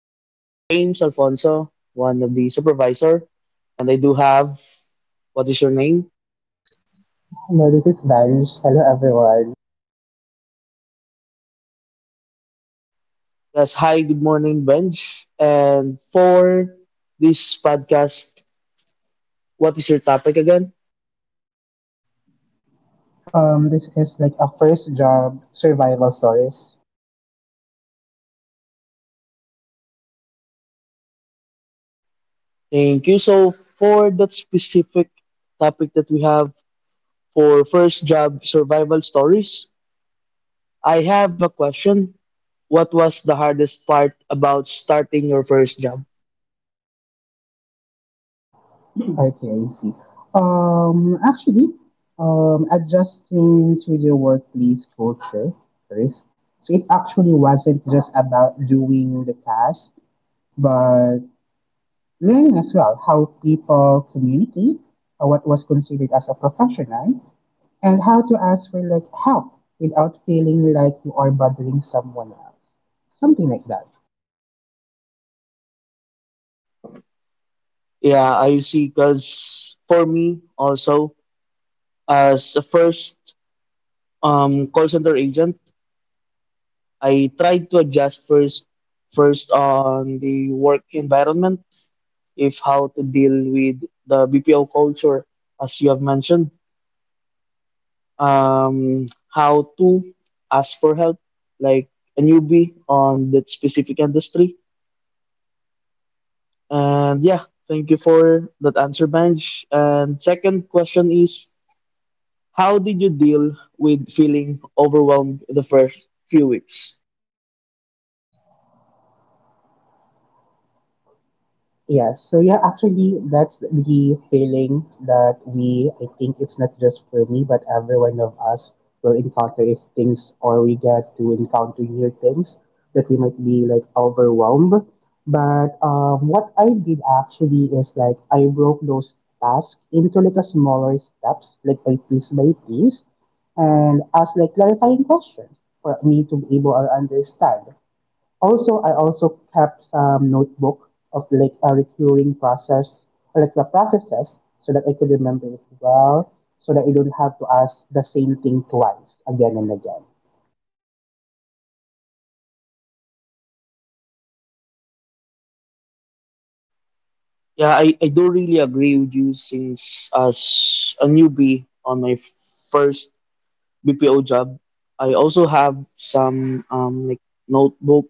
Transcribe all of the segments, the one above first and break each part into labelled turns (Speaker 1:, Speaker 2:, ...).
Speaker 1: I'm James Alfonso, one of the supervisor, and I do have what is your name?
Speaker 2: Hello, this is Vance. Hello, everyone.
Speaker 1: Yes, hi, good morning, Benj. And for this podcast, what is your topic again?
Speaker 2: This is like a first job survival stories.
Speaker 1: Thank you. So, for that specific topic that we have for first job survival stories, I have a question. What was the hardest part about starting your first job?
Speaker 2: Okay, I see. Actually, adjusting to the workplace culture first. So it actually wasn't just about doing the task, but learning as well how people communicate, what was considered as a professional, and how to ask for like help without feeling like you are bothering someone else. Something like that.
Speaker 1: Yeah, I see. Because for me also, as a first call center agent, I tried to adjust first on the work environment, if how to deal with the BPO culture, as you have mentioned, um, how to ask for help, like a newbie on that specific industry. And yeah, thank you for that answer, Benj. And second question is, how did you deal with feeling overwhelmed the first few weeks?
Speaker 2: Yes, so yeah, actually, that's the feeling that I think it's not just for me, but every one of us will encounter if things or we get to encounter new things that we might be like overwhelmed. But what I did actually is like I broke those tasks into like a smaller steps, like by piece, and ask like clarifying questions for me to be able to understand. Also, I also kept some notebook of like a recurring process, or like the processes, so that I could remember it well, so that I don't have to ask the same thing twice again and again.
Speaker 1: Yeah, I do really agree with you since as a newbie on my first BPO job, I also have some like notebook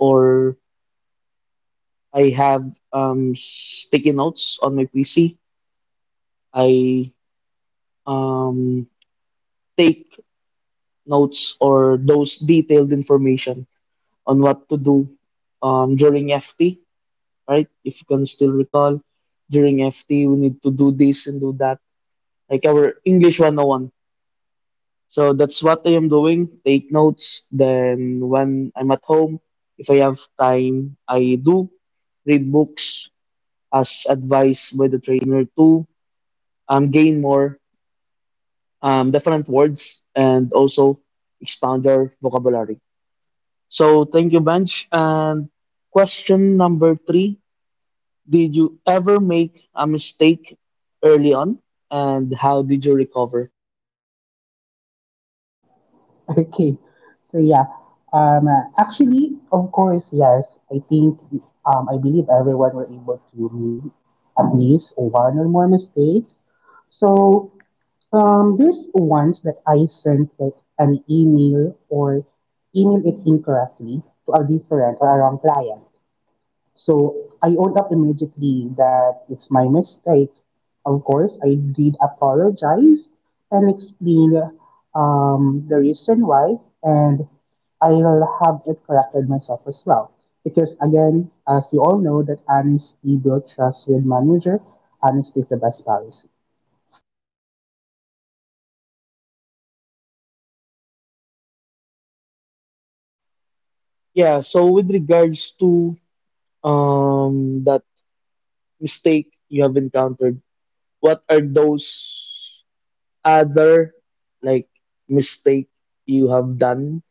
Speaker 1: or I have sticky notes on my PC. I um, take notes or those detailed information on what to do during FT right? If you can still recall, during FT, we need to do this and do that, like our English 101. So that's what I am doing. Take notes. Then when I'm at home, if I have time, I do read books as advised by the trainer to gain more different words and also expand your vocabulary. So thank you, Bench. And question number three, did you ever make a mistake early on and how did you recover?
Speaker 2: Okay, so yeah, actually, of course, yes, I think, I believe everyone were able to make at least one or more mistakes. So there's once that I sent like an email or emailed it incorrectly to a different or a wrong client. So I owned up immediately that it's my mistake. Of course, I did apologize and explain the reason why, and I will have it corrected myself as well. Because again, as you all know, that honesty builds trust with manager. Honesty is the best policy.
Speaker 1: Yeah, so with regards to that mistake you have encountered, what are those other like mistake you have done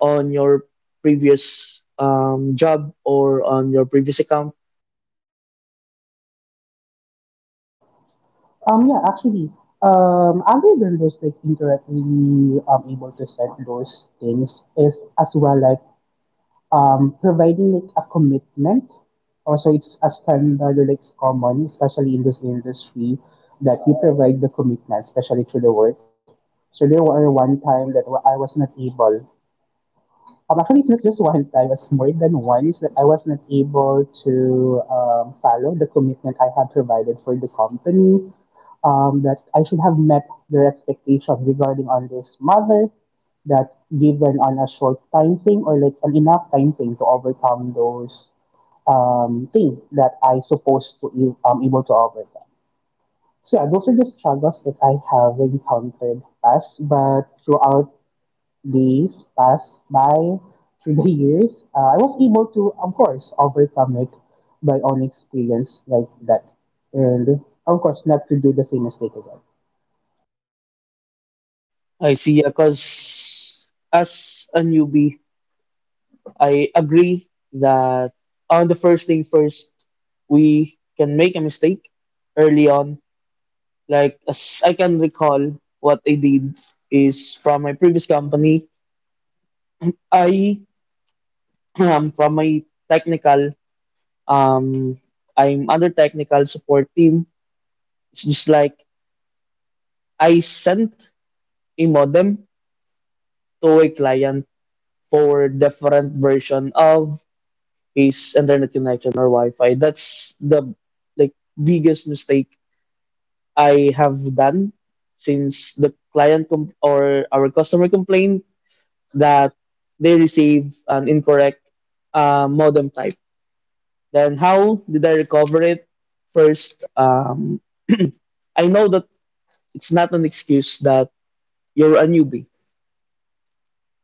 Speaker 1: on your previous job or on your previous account?
Speaker 2: Yeah, actually, other than those like indirectly able to set those things is as well like providing like a commitment. Also, it's a standard or like it's common, especially in this industry, that you provide the commitment, especially to the work. So there were one time that I was not able. Actually, it's not just one that I was more than one. It's that I was not able to follow the commitment I had provided for the company. That I should have met their expectations regarding on this matter. That given on a short time frame or like an enough time frame to overcome those thing that I supposed to able to overcome. So yeah, those are the struggles that I have encountered as, but throughout days passed by through the years, I was able to, of course, overcome it by own experience like that. And of course, not to do the same mistake again.
Speaker 1: I see, yeah, cause as a newbie, I agree that on the first thing first, we can make a mistake early on. Like, as I can recall, what I did is from my previous company, I from my technical, um, I'm under technical support team. It's just like I sent a modem to a client for different version of his internet connection or Wi-Fi. That's the like biggest mistake I have done since the client or our customer complained that they receive an incorrect modem type. Then how did I recover it? First, I know that it's not an excuse that you're a newbie.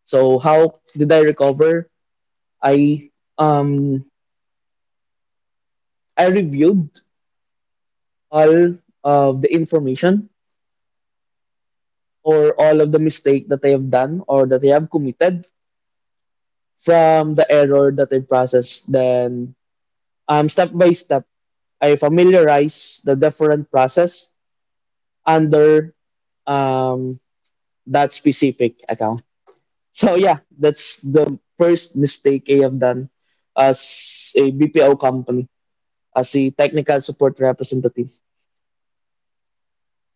Speaker 1: So how did I recover? I um I reviewed all of the information or all of the mistake that I have done or that I have committed from the error that I process. Then, step by step, I familiarize the different process under um, that specific account. So yeah, that's the first mistake I have done as a BPO company, as a technical support representative.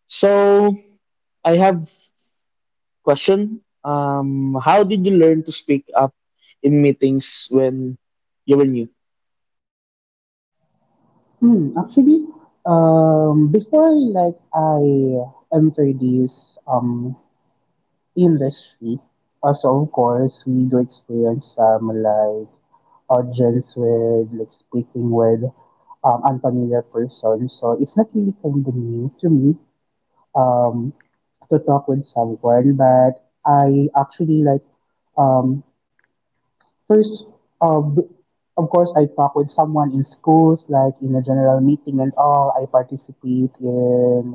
Speaker 1: So I have question. How did you learn to speak up in meetings when you were new?
Speaker 2: Hmm, actually, before like I entered this um industry, also of course we do experience some like audience with like speaking with unfamiliar persons. So it's not really kind of new to me um, to talk with someone, but I actually like um, first uh, b- of course I talk with someone in schools, like in a general meeting and all. I participate in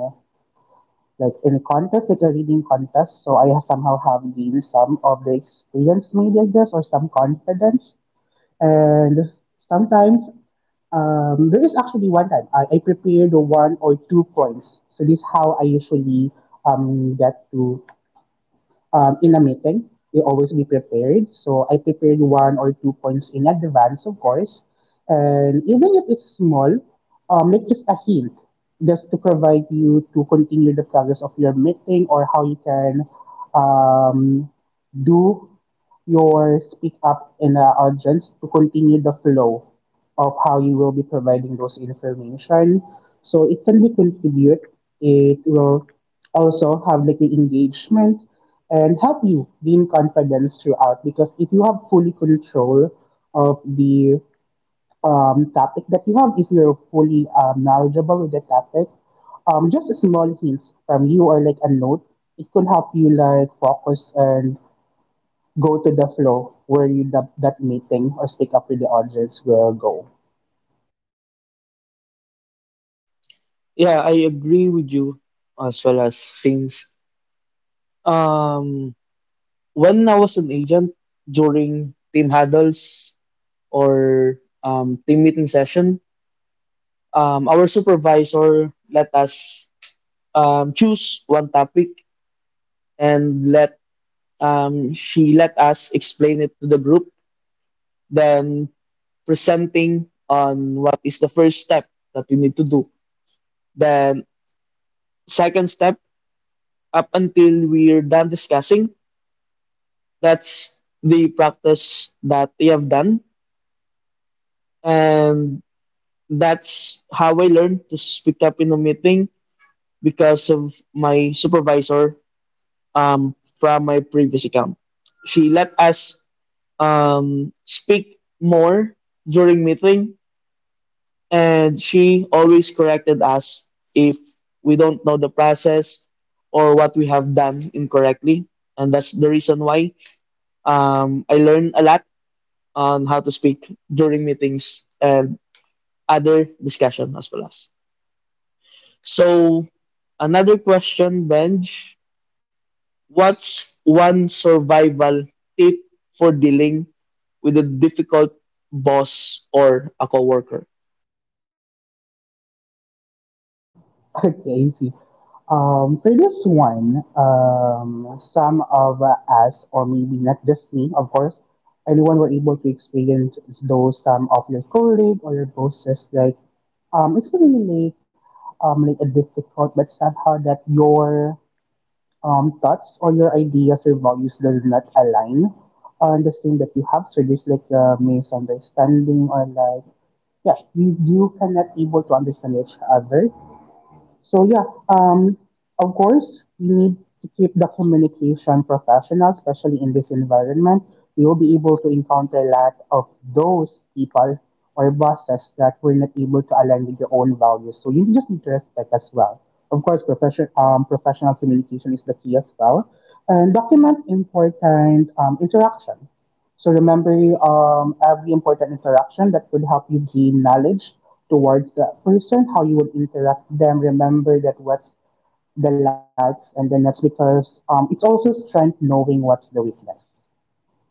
Speaker 2: like in a contest, like a reading contest, so I somehow have gained some of the experience, maybe I guess, or some confidence. And sometimes, there is actually one time I prepared one or two points. So this is how I usually get to in a meeting. You always be prepared. So I prepared one or two points in advance, of course. And even if it's small, like just a hint, just to provide you to continue the progress of your meeting or how you can um, do your speak up in the audience to continue the flow of how you will be providing those information. So it can be contribute. It will also have like the engagement and help you gain confidence throughout because if you have fully control of the topic that you have, if you're fully knowledgeable with the topic, just a small hints from you or like a note, it could help you like focus and go to the floor where you that meeting or speak up with the audience will go.
Speaker 1: Yeah, I agree with you as well as since um when I was an agent during team huddles or team meeting session, our supervisor let us choose one topic and let she let us explain it to the group, then presenting on what is the first step that we need to do. Then second step up until we're done discussing, that's the practice that we have done, and that's how I learned to speak up in a meeting because of my supervisor, from my previous account, she let us speak more during meeting, and she always corrected us if we don't know the process or what we have done incorrectly. And that's the reason why I learned a lot on how to speak during meetings and other discussion as well as. So another question, Benj. What's one survival tip for dealing with a difficult boss or a coworker?
Speaker 2: Okay, see. For this one, some of us, or maybe not just me, of course, anyone were able to experience those some of your colleague or your bosses like it's really like a difficult, but somehow that your thoughts or your ideas or values does not align on the same that you have. So this like a misunderstanding or like yeah, you cannot able to understand each other. So yeah, um, of course, we need to keep the communication professional, especially in this environment. We will be able to encounter a lot of those people or bosses that were not able to align with your own values. So you just need to respect as well. Of course, professional communication is the key as well. And document important interaction. So remember every important interaction that would help you gain knowledge towards that person, how you would interact with them. Remember that what's the likes and then that's because it's also strength knowing what's the weakness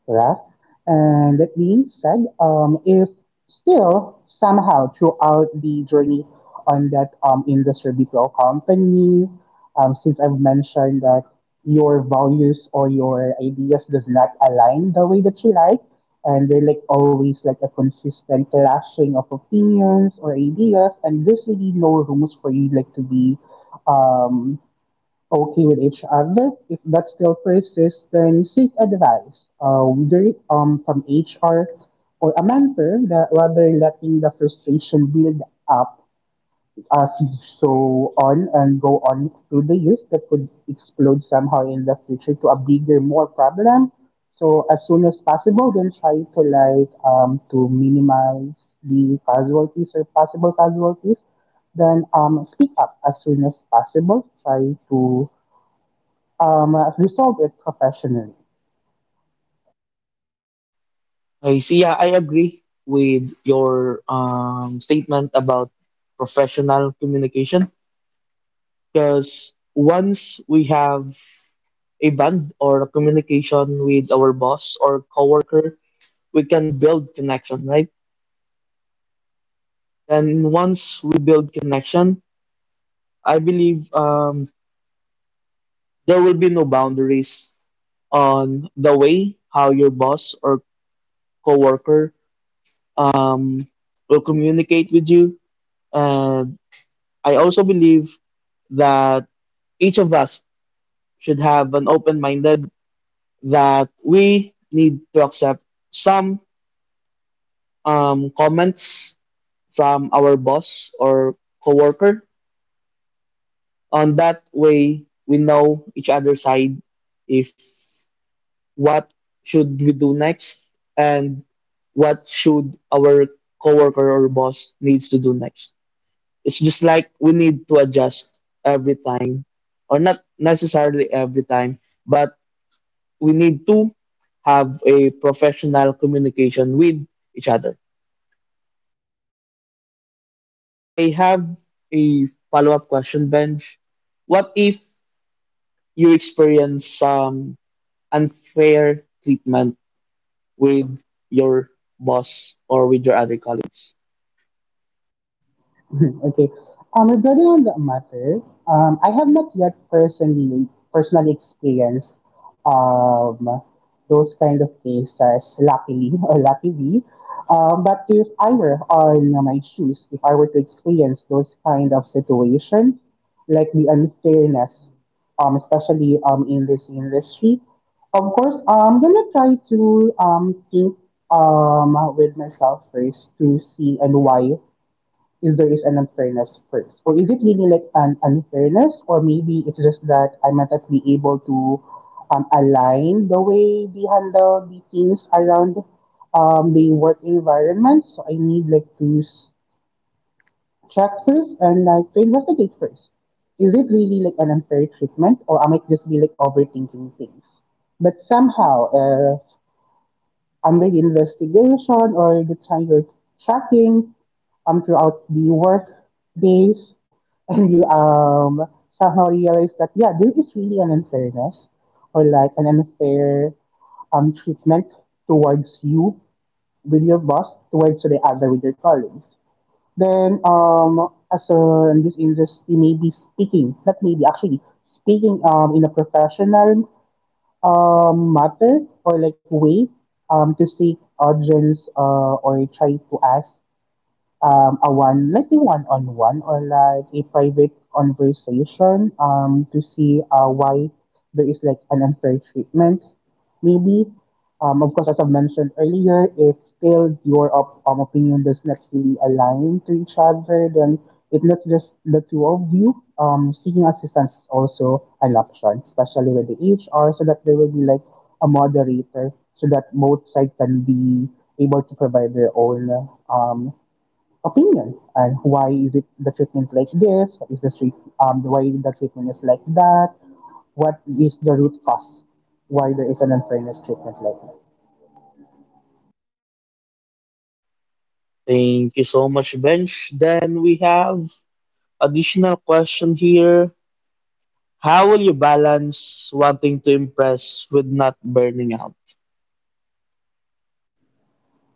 Speaker 2: correct? And that being said, if still somehow throughout the journey on that industry BPO company, since I've mentioned that your values or your ideas does not align the way that you like, and they're like always like a consistent clashing of opinions or ideas, and there's really no rooms for you like to be um, okay with each other. If that still persists, then seek advice, either from HR or a mentor, that rather letting the frustration build up as you so on and go on through the years that could explode somehow in the future to a bigger, more problem. So as soon as possible, then try to like to minimize the casualties or possible casualties then speak up as soon as possible. Try to resolve it professionally.
Speaker 1: I see. Yeah, I agree with your statement about professional communication because once we have a bond or a communication with our boss or coworker, we can build connection, right? And once we build connection, I believe there will be no boundaries on the way how your boss or coworker um, will communicate with you. And I also believe that each of us should have an open-minded that we need to accept some comments from our boss or coworker on that way we know each other's side, if what should we do next and what should our coworker or boss needs to do next. It's just like we need to adjust every time, or not necessarily every time, but we need to have a professional communication with each other. I have a follow-up question, Benj. What if you experience some unfair treatment with your boss or with your other colleagues.
Speaker 2: Okay. Regarding on that matter, I have not yet personally experienced um those kind of cases, luckily or luckily. But if I were on my shoes, if I were to experience those kind of situation, like the unfairness, especially in this industry, of course, I'm gonna try to think with myself first to see and why if there is an unfairness first. Or is it really like an unfairness, or maybe it's just that I might not be able to align the way they handle the things around the work environment. So I need like to check first and like to investigate first. Is it really like an unfair treatment, or I might just be like overthinking things? But somehow, their investigation or the time you're tracking throughout the work days, and you somehow realize that, yeah, there is really an unfairness or like an unfair treatment towards you with your boss, towards the other with your colleagues. Then, in this industry, maybe speaking, not maybe, actually, speaking in a professional matter or like way to seek audience or try to ask like a one-on-one or like a private conversation to see why there is like an unfair treatment, maybe. Of course, as I've mentioned earlier, if still your opinion does not really align to each other, then it's not just the two of you. Seeking assistance is also an option, especially with the HR, so that there will be like a moderator, so that both sides can be able to provide their own um, opinion and why is it the treatment like this is the treat, why the treatment is like that, what is the root cause, why there is an unfairness treatment like
Speaker 1: Thank you so much, Bench. Then we have additional question here. How will you balance wanting to impress with not burning out?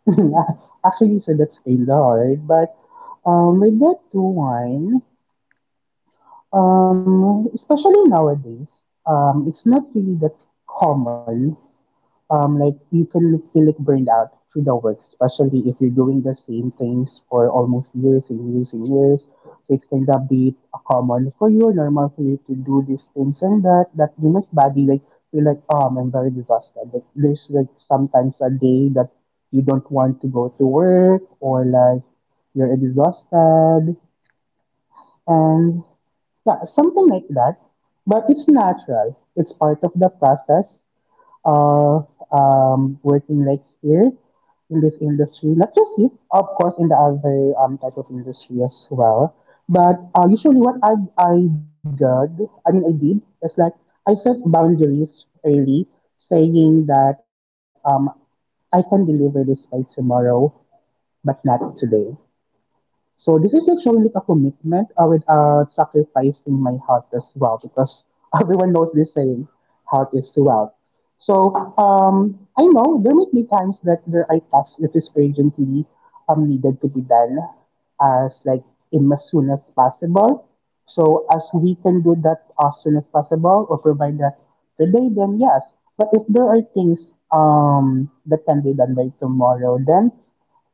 Speaker 2: that. Actually, so that's kind of hard, but with that one, especially nowadays, it's not really that common. Like you can feel like burned out through the work, especially if you're doing the same things for almost years and years and years. So it's kind of be common for you or normal for you to do these things and that you must body like feel like I'm very exhausted. Like there's like sometimes a day that you don't want to go to work or like you're exhausted and yeah, something like that. But it's natural. It's part of the process of working like here in this industry, not just you, of course, in the other type of industry as well. But usually, what I did is like I set boundaries early, saying that I can deliver this by tomorrow, but not today. So this is not showing like a commitment without sacrificing my heart as well because everyone knows this saying, heart is too out. So I know there might be times that there are tasks that is urgently needed to be done as like in as soon as possible. So as we can do that as soon as possible or provide that today, then yes. But if there are things that can be done by tomorrow, then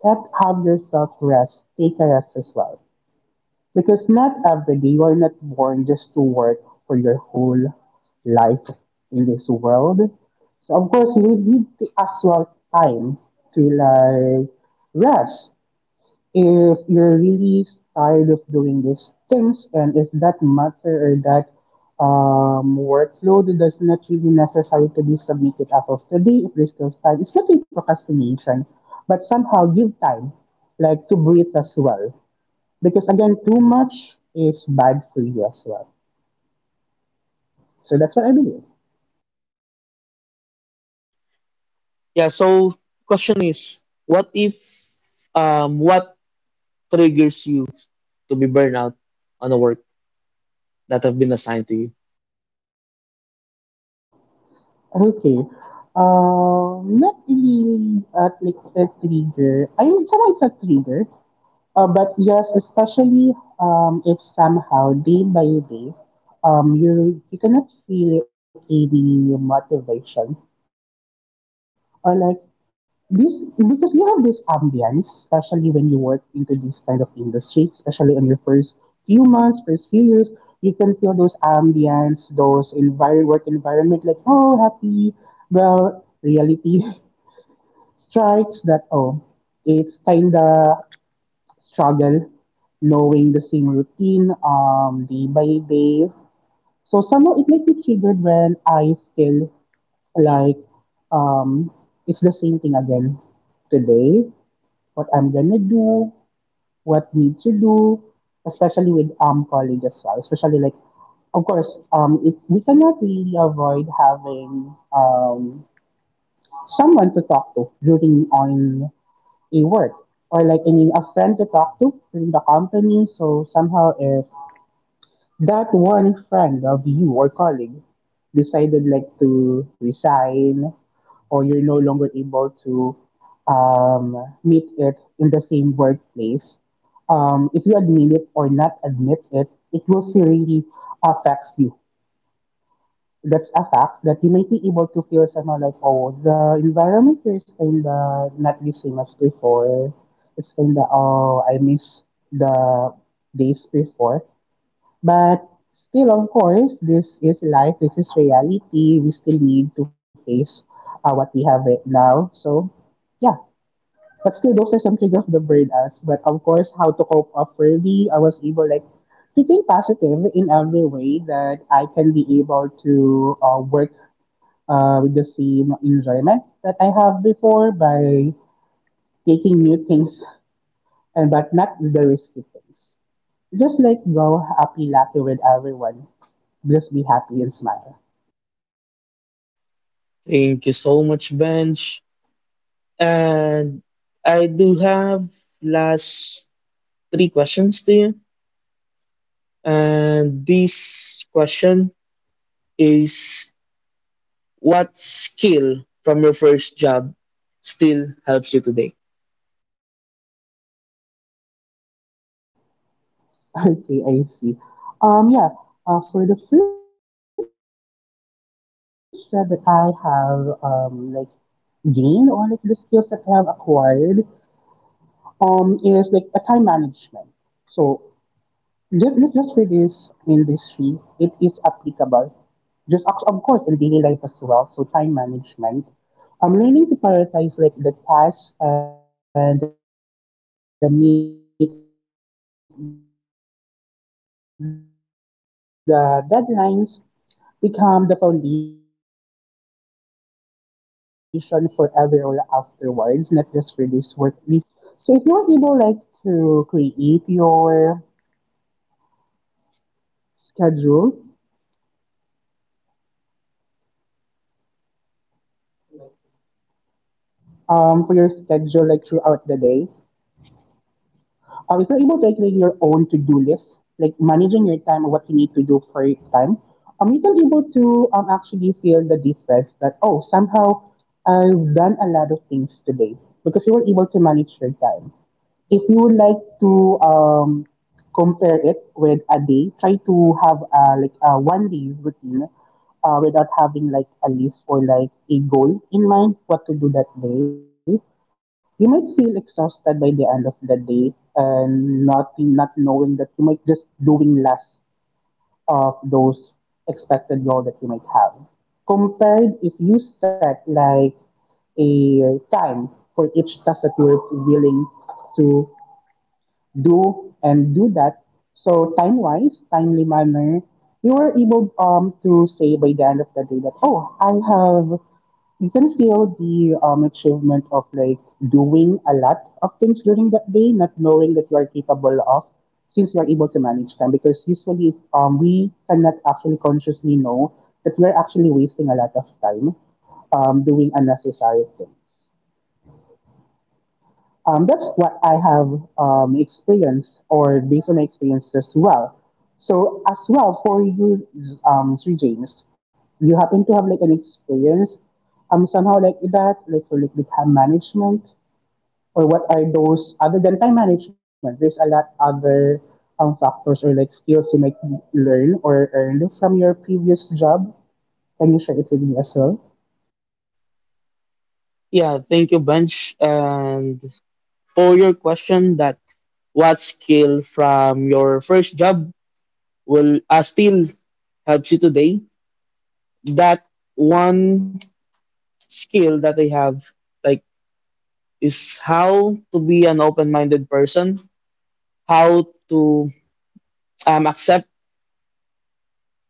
Speaker 2: let others at rest take a rest as well. Because not every day you are not born just to work for your whole life in this world. So of course as well time to like rest. If you're really tired of doing these things, and if that matter or that workload does not really necessary to be submitted as of today, if there's still time, it's not really procrastination, but somehow give time, like to breathe as well. Because again, too much is bad for you as well. So that's what I believe.
Speaker 1: Yeah, so question is, what if what triggers you to be burned out on the work that have been assigned to you?
Speaker 2: Okay. Not really a trigger. I mean, somehow it's a trigger. But yes, especially if somehow day by day, you cannot feel any motivation or like this because you have this ambience, especially when you work into this kind of industry, especially on your first few months, first few years, you can feel those ambience, those environment, work environment, like oh happy, well reality strikes that oh it's kinda struggle, knowing the same routine day by day. So somehow it might be triggered when I feel like um, it's the same thing again today. What I'm gonna do, what need to do, especially with college as well. Especially like, of course, we cannot really avoid having someone to talk to during on a work or a friend to talk to in the company. So somehow if that one friend of you or colleague decided like to resign or you're no longer able to meet it in the same workplace, if you admit it or not admit it, it will still really affects you. That's a fact that you might be able to feel somehow like, oh, the environment here is kind of not the same as before. It's kind of, oh, I miss the days before. But still, of course, this is life, this is reality. We still need to face what we have right now. So, yeah. But still, those are some triggers of the burnouts. But of course, how to cope up early, I was able, like, to think positive in every way that I can be able to work with the same enjoyment that I have before by taking new things and but not with the risky things. Just like go happy lucky with everyone. Just be happy and smile.
Speaker 1: Thank you so much, Bench. And I do have last three questions to you. And this question is, what skill from your first job still helps you today?
Speaker 2: Okay, I see. Yeah. For the first job that I have like gained or like the skills that I have acquired is like a time management. So let just for this industry, it is applicable just of course in daily life as well. So time management. I'm learning to prioritize like the tasks and the meet the deadlines become the foundation for every role afterwards, not just for this work but for everyday life. Because let me say, as the saying goes, time is gold. So if you're able like to create your schedule for your schedule like throughout the day? If you're able to like make your own to-do list, like managing your time or what you need to do for each time, you can be able to actually feel the difference that oh somehow I've done a lot of things today because you were able to manage your time. If you would like to compare it with a day, try to have a, like a one day routine without having like a list or like a goal in mind what to do that day. You might feel exhausted by the end of the day and not knowing that you might just doing less of those expected goal that you might have. Compared if you set like a time for each task that you're willing to do and do that. So time-wise, timely manner, you were able to say by the end of the day that oh I have you can feel the achievement of like doing a lot of things during that day, not knowing that you are capable of since you are able to manage time because usually we cannot actually consciously know that we are actually wasting a lot of time doing unnecessary things. That's what I have experienced or based on experience as well. So as well for you, Sri James, you happen to have like an experience somehow like that, like for like with time management or what are those other than time management? There's a lot other factors or like skills you might learn or earn from your previous job. Can you share it with me as well?
Speaker 1: Yeah, thank you, Bench. And for your question, that what skill from your first job will still helps you today? That one skill that I have, like, is how to be an open-minded person, how to accept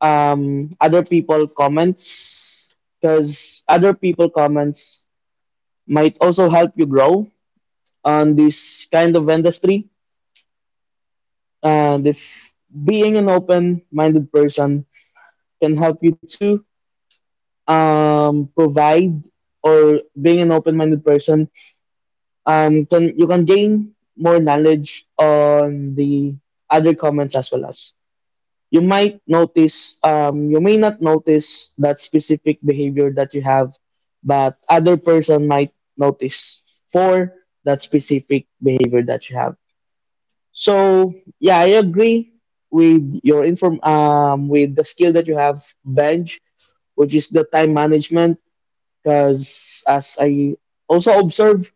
Speaker 1: other people comments, because other people comments might also help you grow on this kind of industry. And if being an open-minded person can help you to provide, or being an open-minded person, can you can gain more knowledge on the other comments as well as. You might notice you may not notice that specific behavior that you have, but other person might notice for that specific behavior that you have. So yeah, I agree with your inform with the skill that you have, Bench, which is the time management, because as I also observe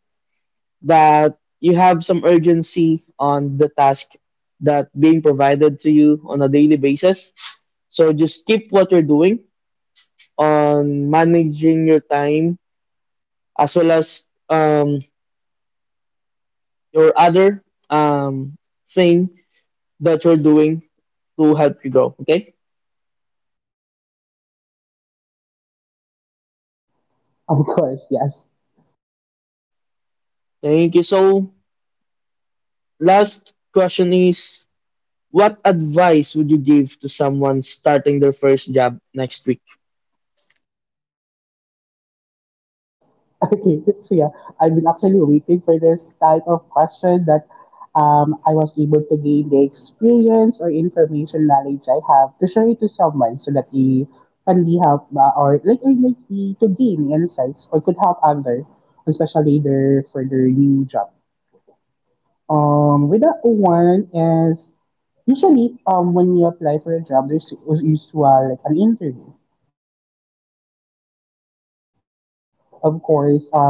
Speaker 1: that you have some urgency on the task that being provided to you on a daily basis. So just keep what you're doing on managing your time as well as your other um, thing that you're doing to help you grow. Okay.
Speaker 2: Of course, yes.
Speaker 1: Thank you. So last question is, what advice would you give to someone starting their first job next week?
Speaker 2: Okay, so yeah, I've been actually waiting for this type of question that I was able to gain the experience or information knowledge I have to share it to someone so that they can be help, to gain insights or could help others, especially their for their new job. With that one is usually when you apply for a job, there's usual like an interview. Of course, it's not common. I mean, it's common for us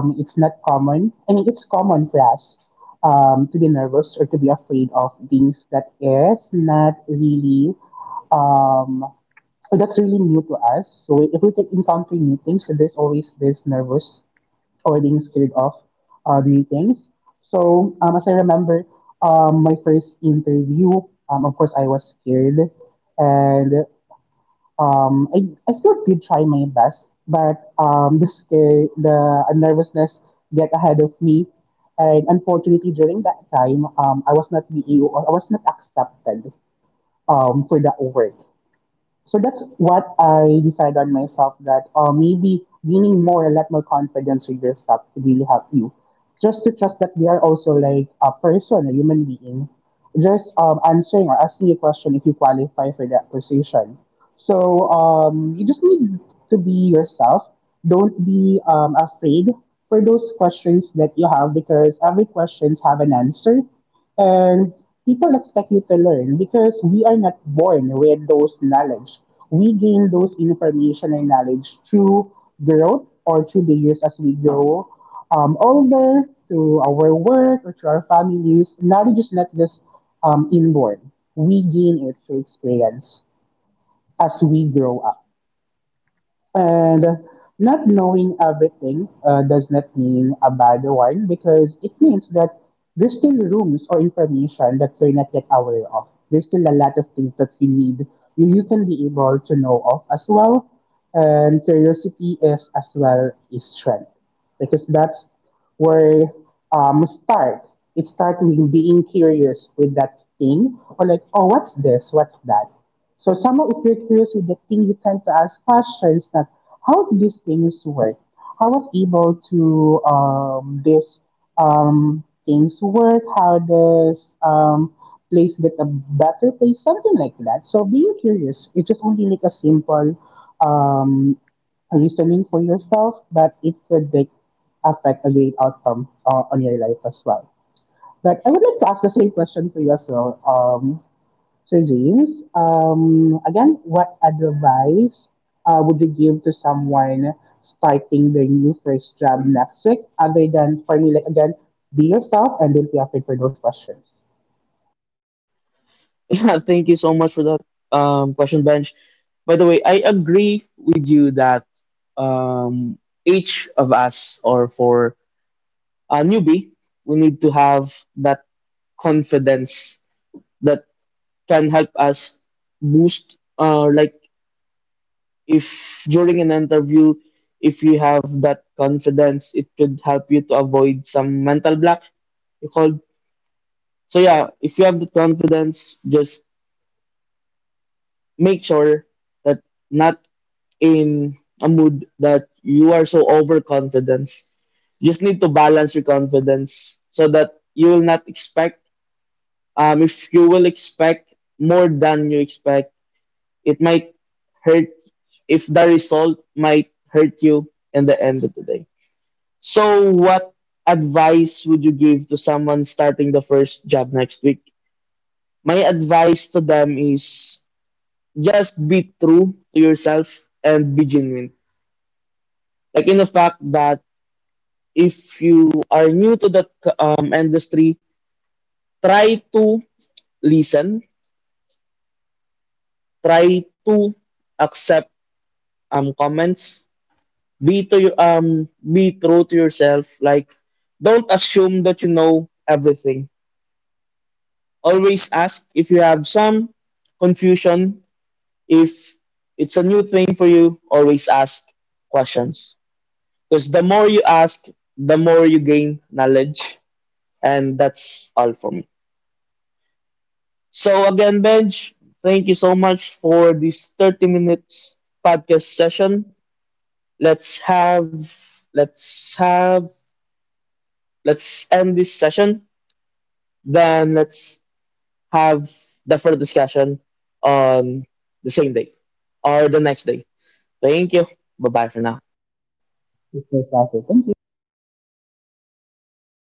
Speaker 2: to be nervous or to be afraid of things that is not really um, that's really new to us. So if we can encounter new things, so there's always this nervous or being scared of new things. So as I remember, my first interview, of course I was scared, and I still did try my best, but the scare, the nervousness get ahead of me, and unfortunately during that time, I was not accepted for that work. So that's what I decided on myself that maybe gaining more and lot more confidence with yourself could really help you. Just to trust that they are also like a person, a human being, just answering or asking a question if you qualify for that position. So you just need to be yourself. Don't be afraid for those questions that you have because every questions have an answer. And people expect you to learn because we are not born with those knowledge. We gain those information and knowledge through growth or through the years as we grow older, through our work or through our families. Knowledge is not just inborn. We gain it through experience as we grow up. And not knowing everything does not mean a bad one because it means that there's still rooms or information that we're not yet aware of. There's still a lot of things that we need, you can be able to know of as well. And curiosity is as well a strength because that's where start. It starts with being curious with that thing or like, oh, what's this? What's that? So somehow, if you're curious with the thing, you tend to ask questions that how these things work. How was able to this things work? How does place get a better place? Something like that. So being curious, it's just only like a simple um, reasoning for yourself, but it could like, affect a great outcome on your life as well. But I would like to ask the same question for you as well. So James, again, what advice would you give to someone starting their new first job next week? Other than for me, like again, be yourself and don't be afraid for those questions.
Speaker 1: Yeah, thank you so much for that question, Bench. By the way, I agree with you that um, each of us, or for a newbie, we need to have that confidence that can help us boost. Like if during an interview, if you have that confidence, it could help you to avoid some mental block you call. So yeah, if you have the confidence, just make sure that not in a mood that you are so overconfident. You just need to balance your confidence so that you will not expect. If you will expect more than you expect, it might hurt. If the result might hurt you in the end of the day. So, what advice would you give to someone starting the first job next week? My advice to them is just be true to yourself and be genuine. Like in the fact that if you are new to the industry, try to listen, try to accept comments, be true to yourself. Like, don't assume that you know everything. Always ask if you have some confusion. If it's a new thing for you, always ask questions. Because the more you ask, the more you gain knowledge. And that's all for me. So again, Benj, thank you so much for this 30 minutes podcast session. Let's have let's have let's end this session. Then let's have the further discussion on the same day or the next day. Thank you. Bye bye for now.
Speaker 2: Be yourself.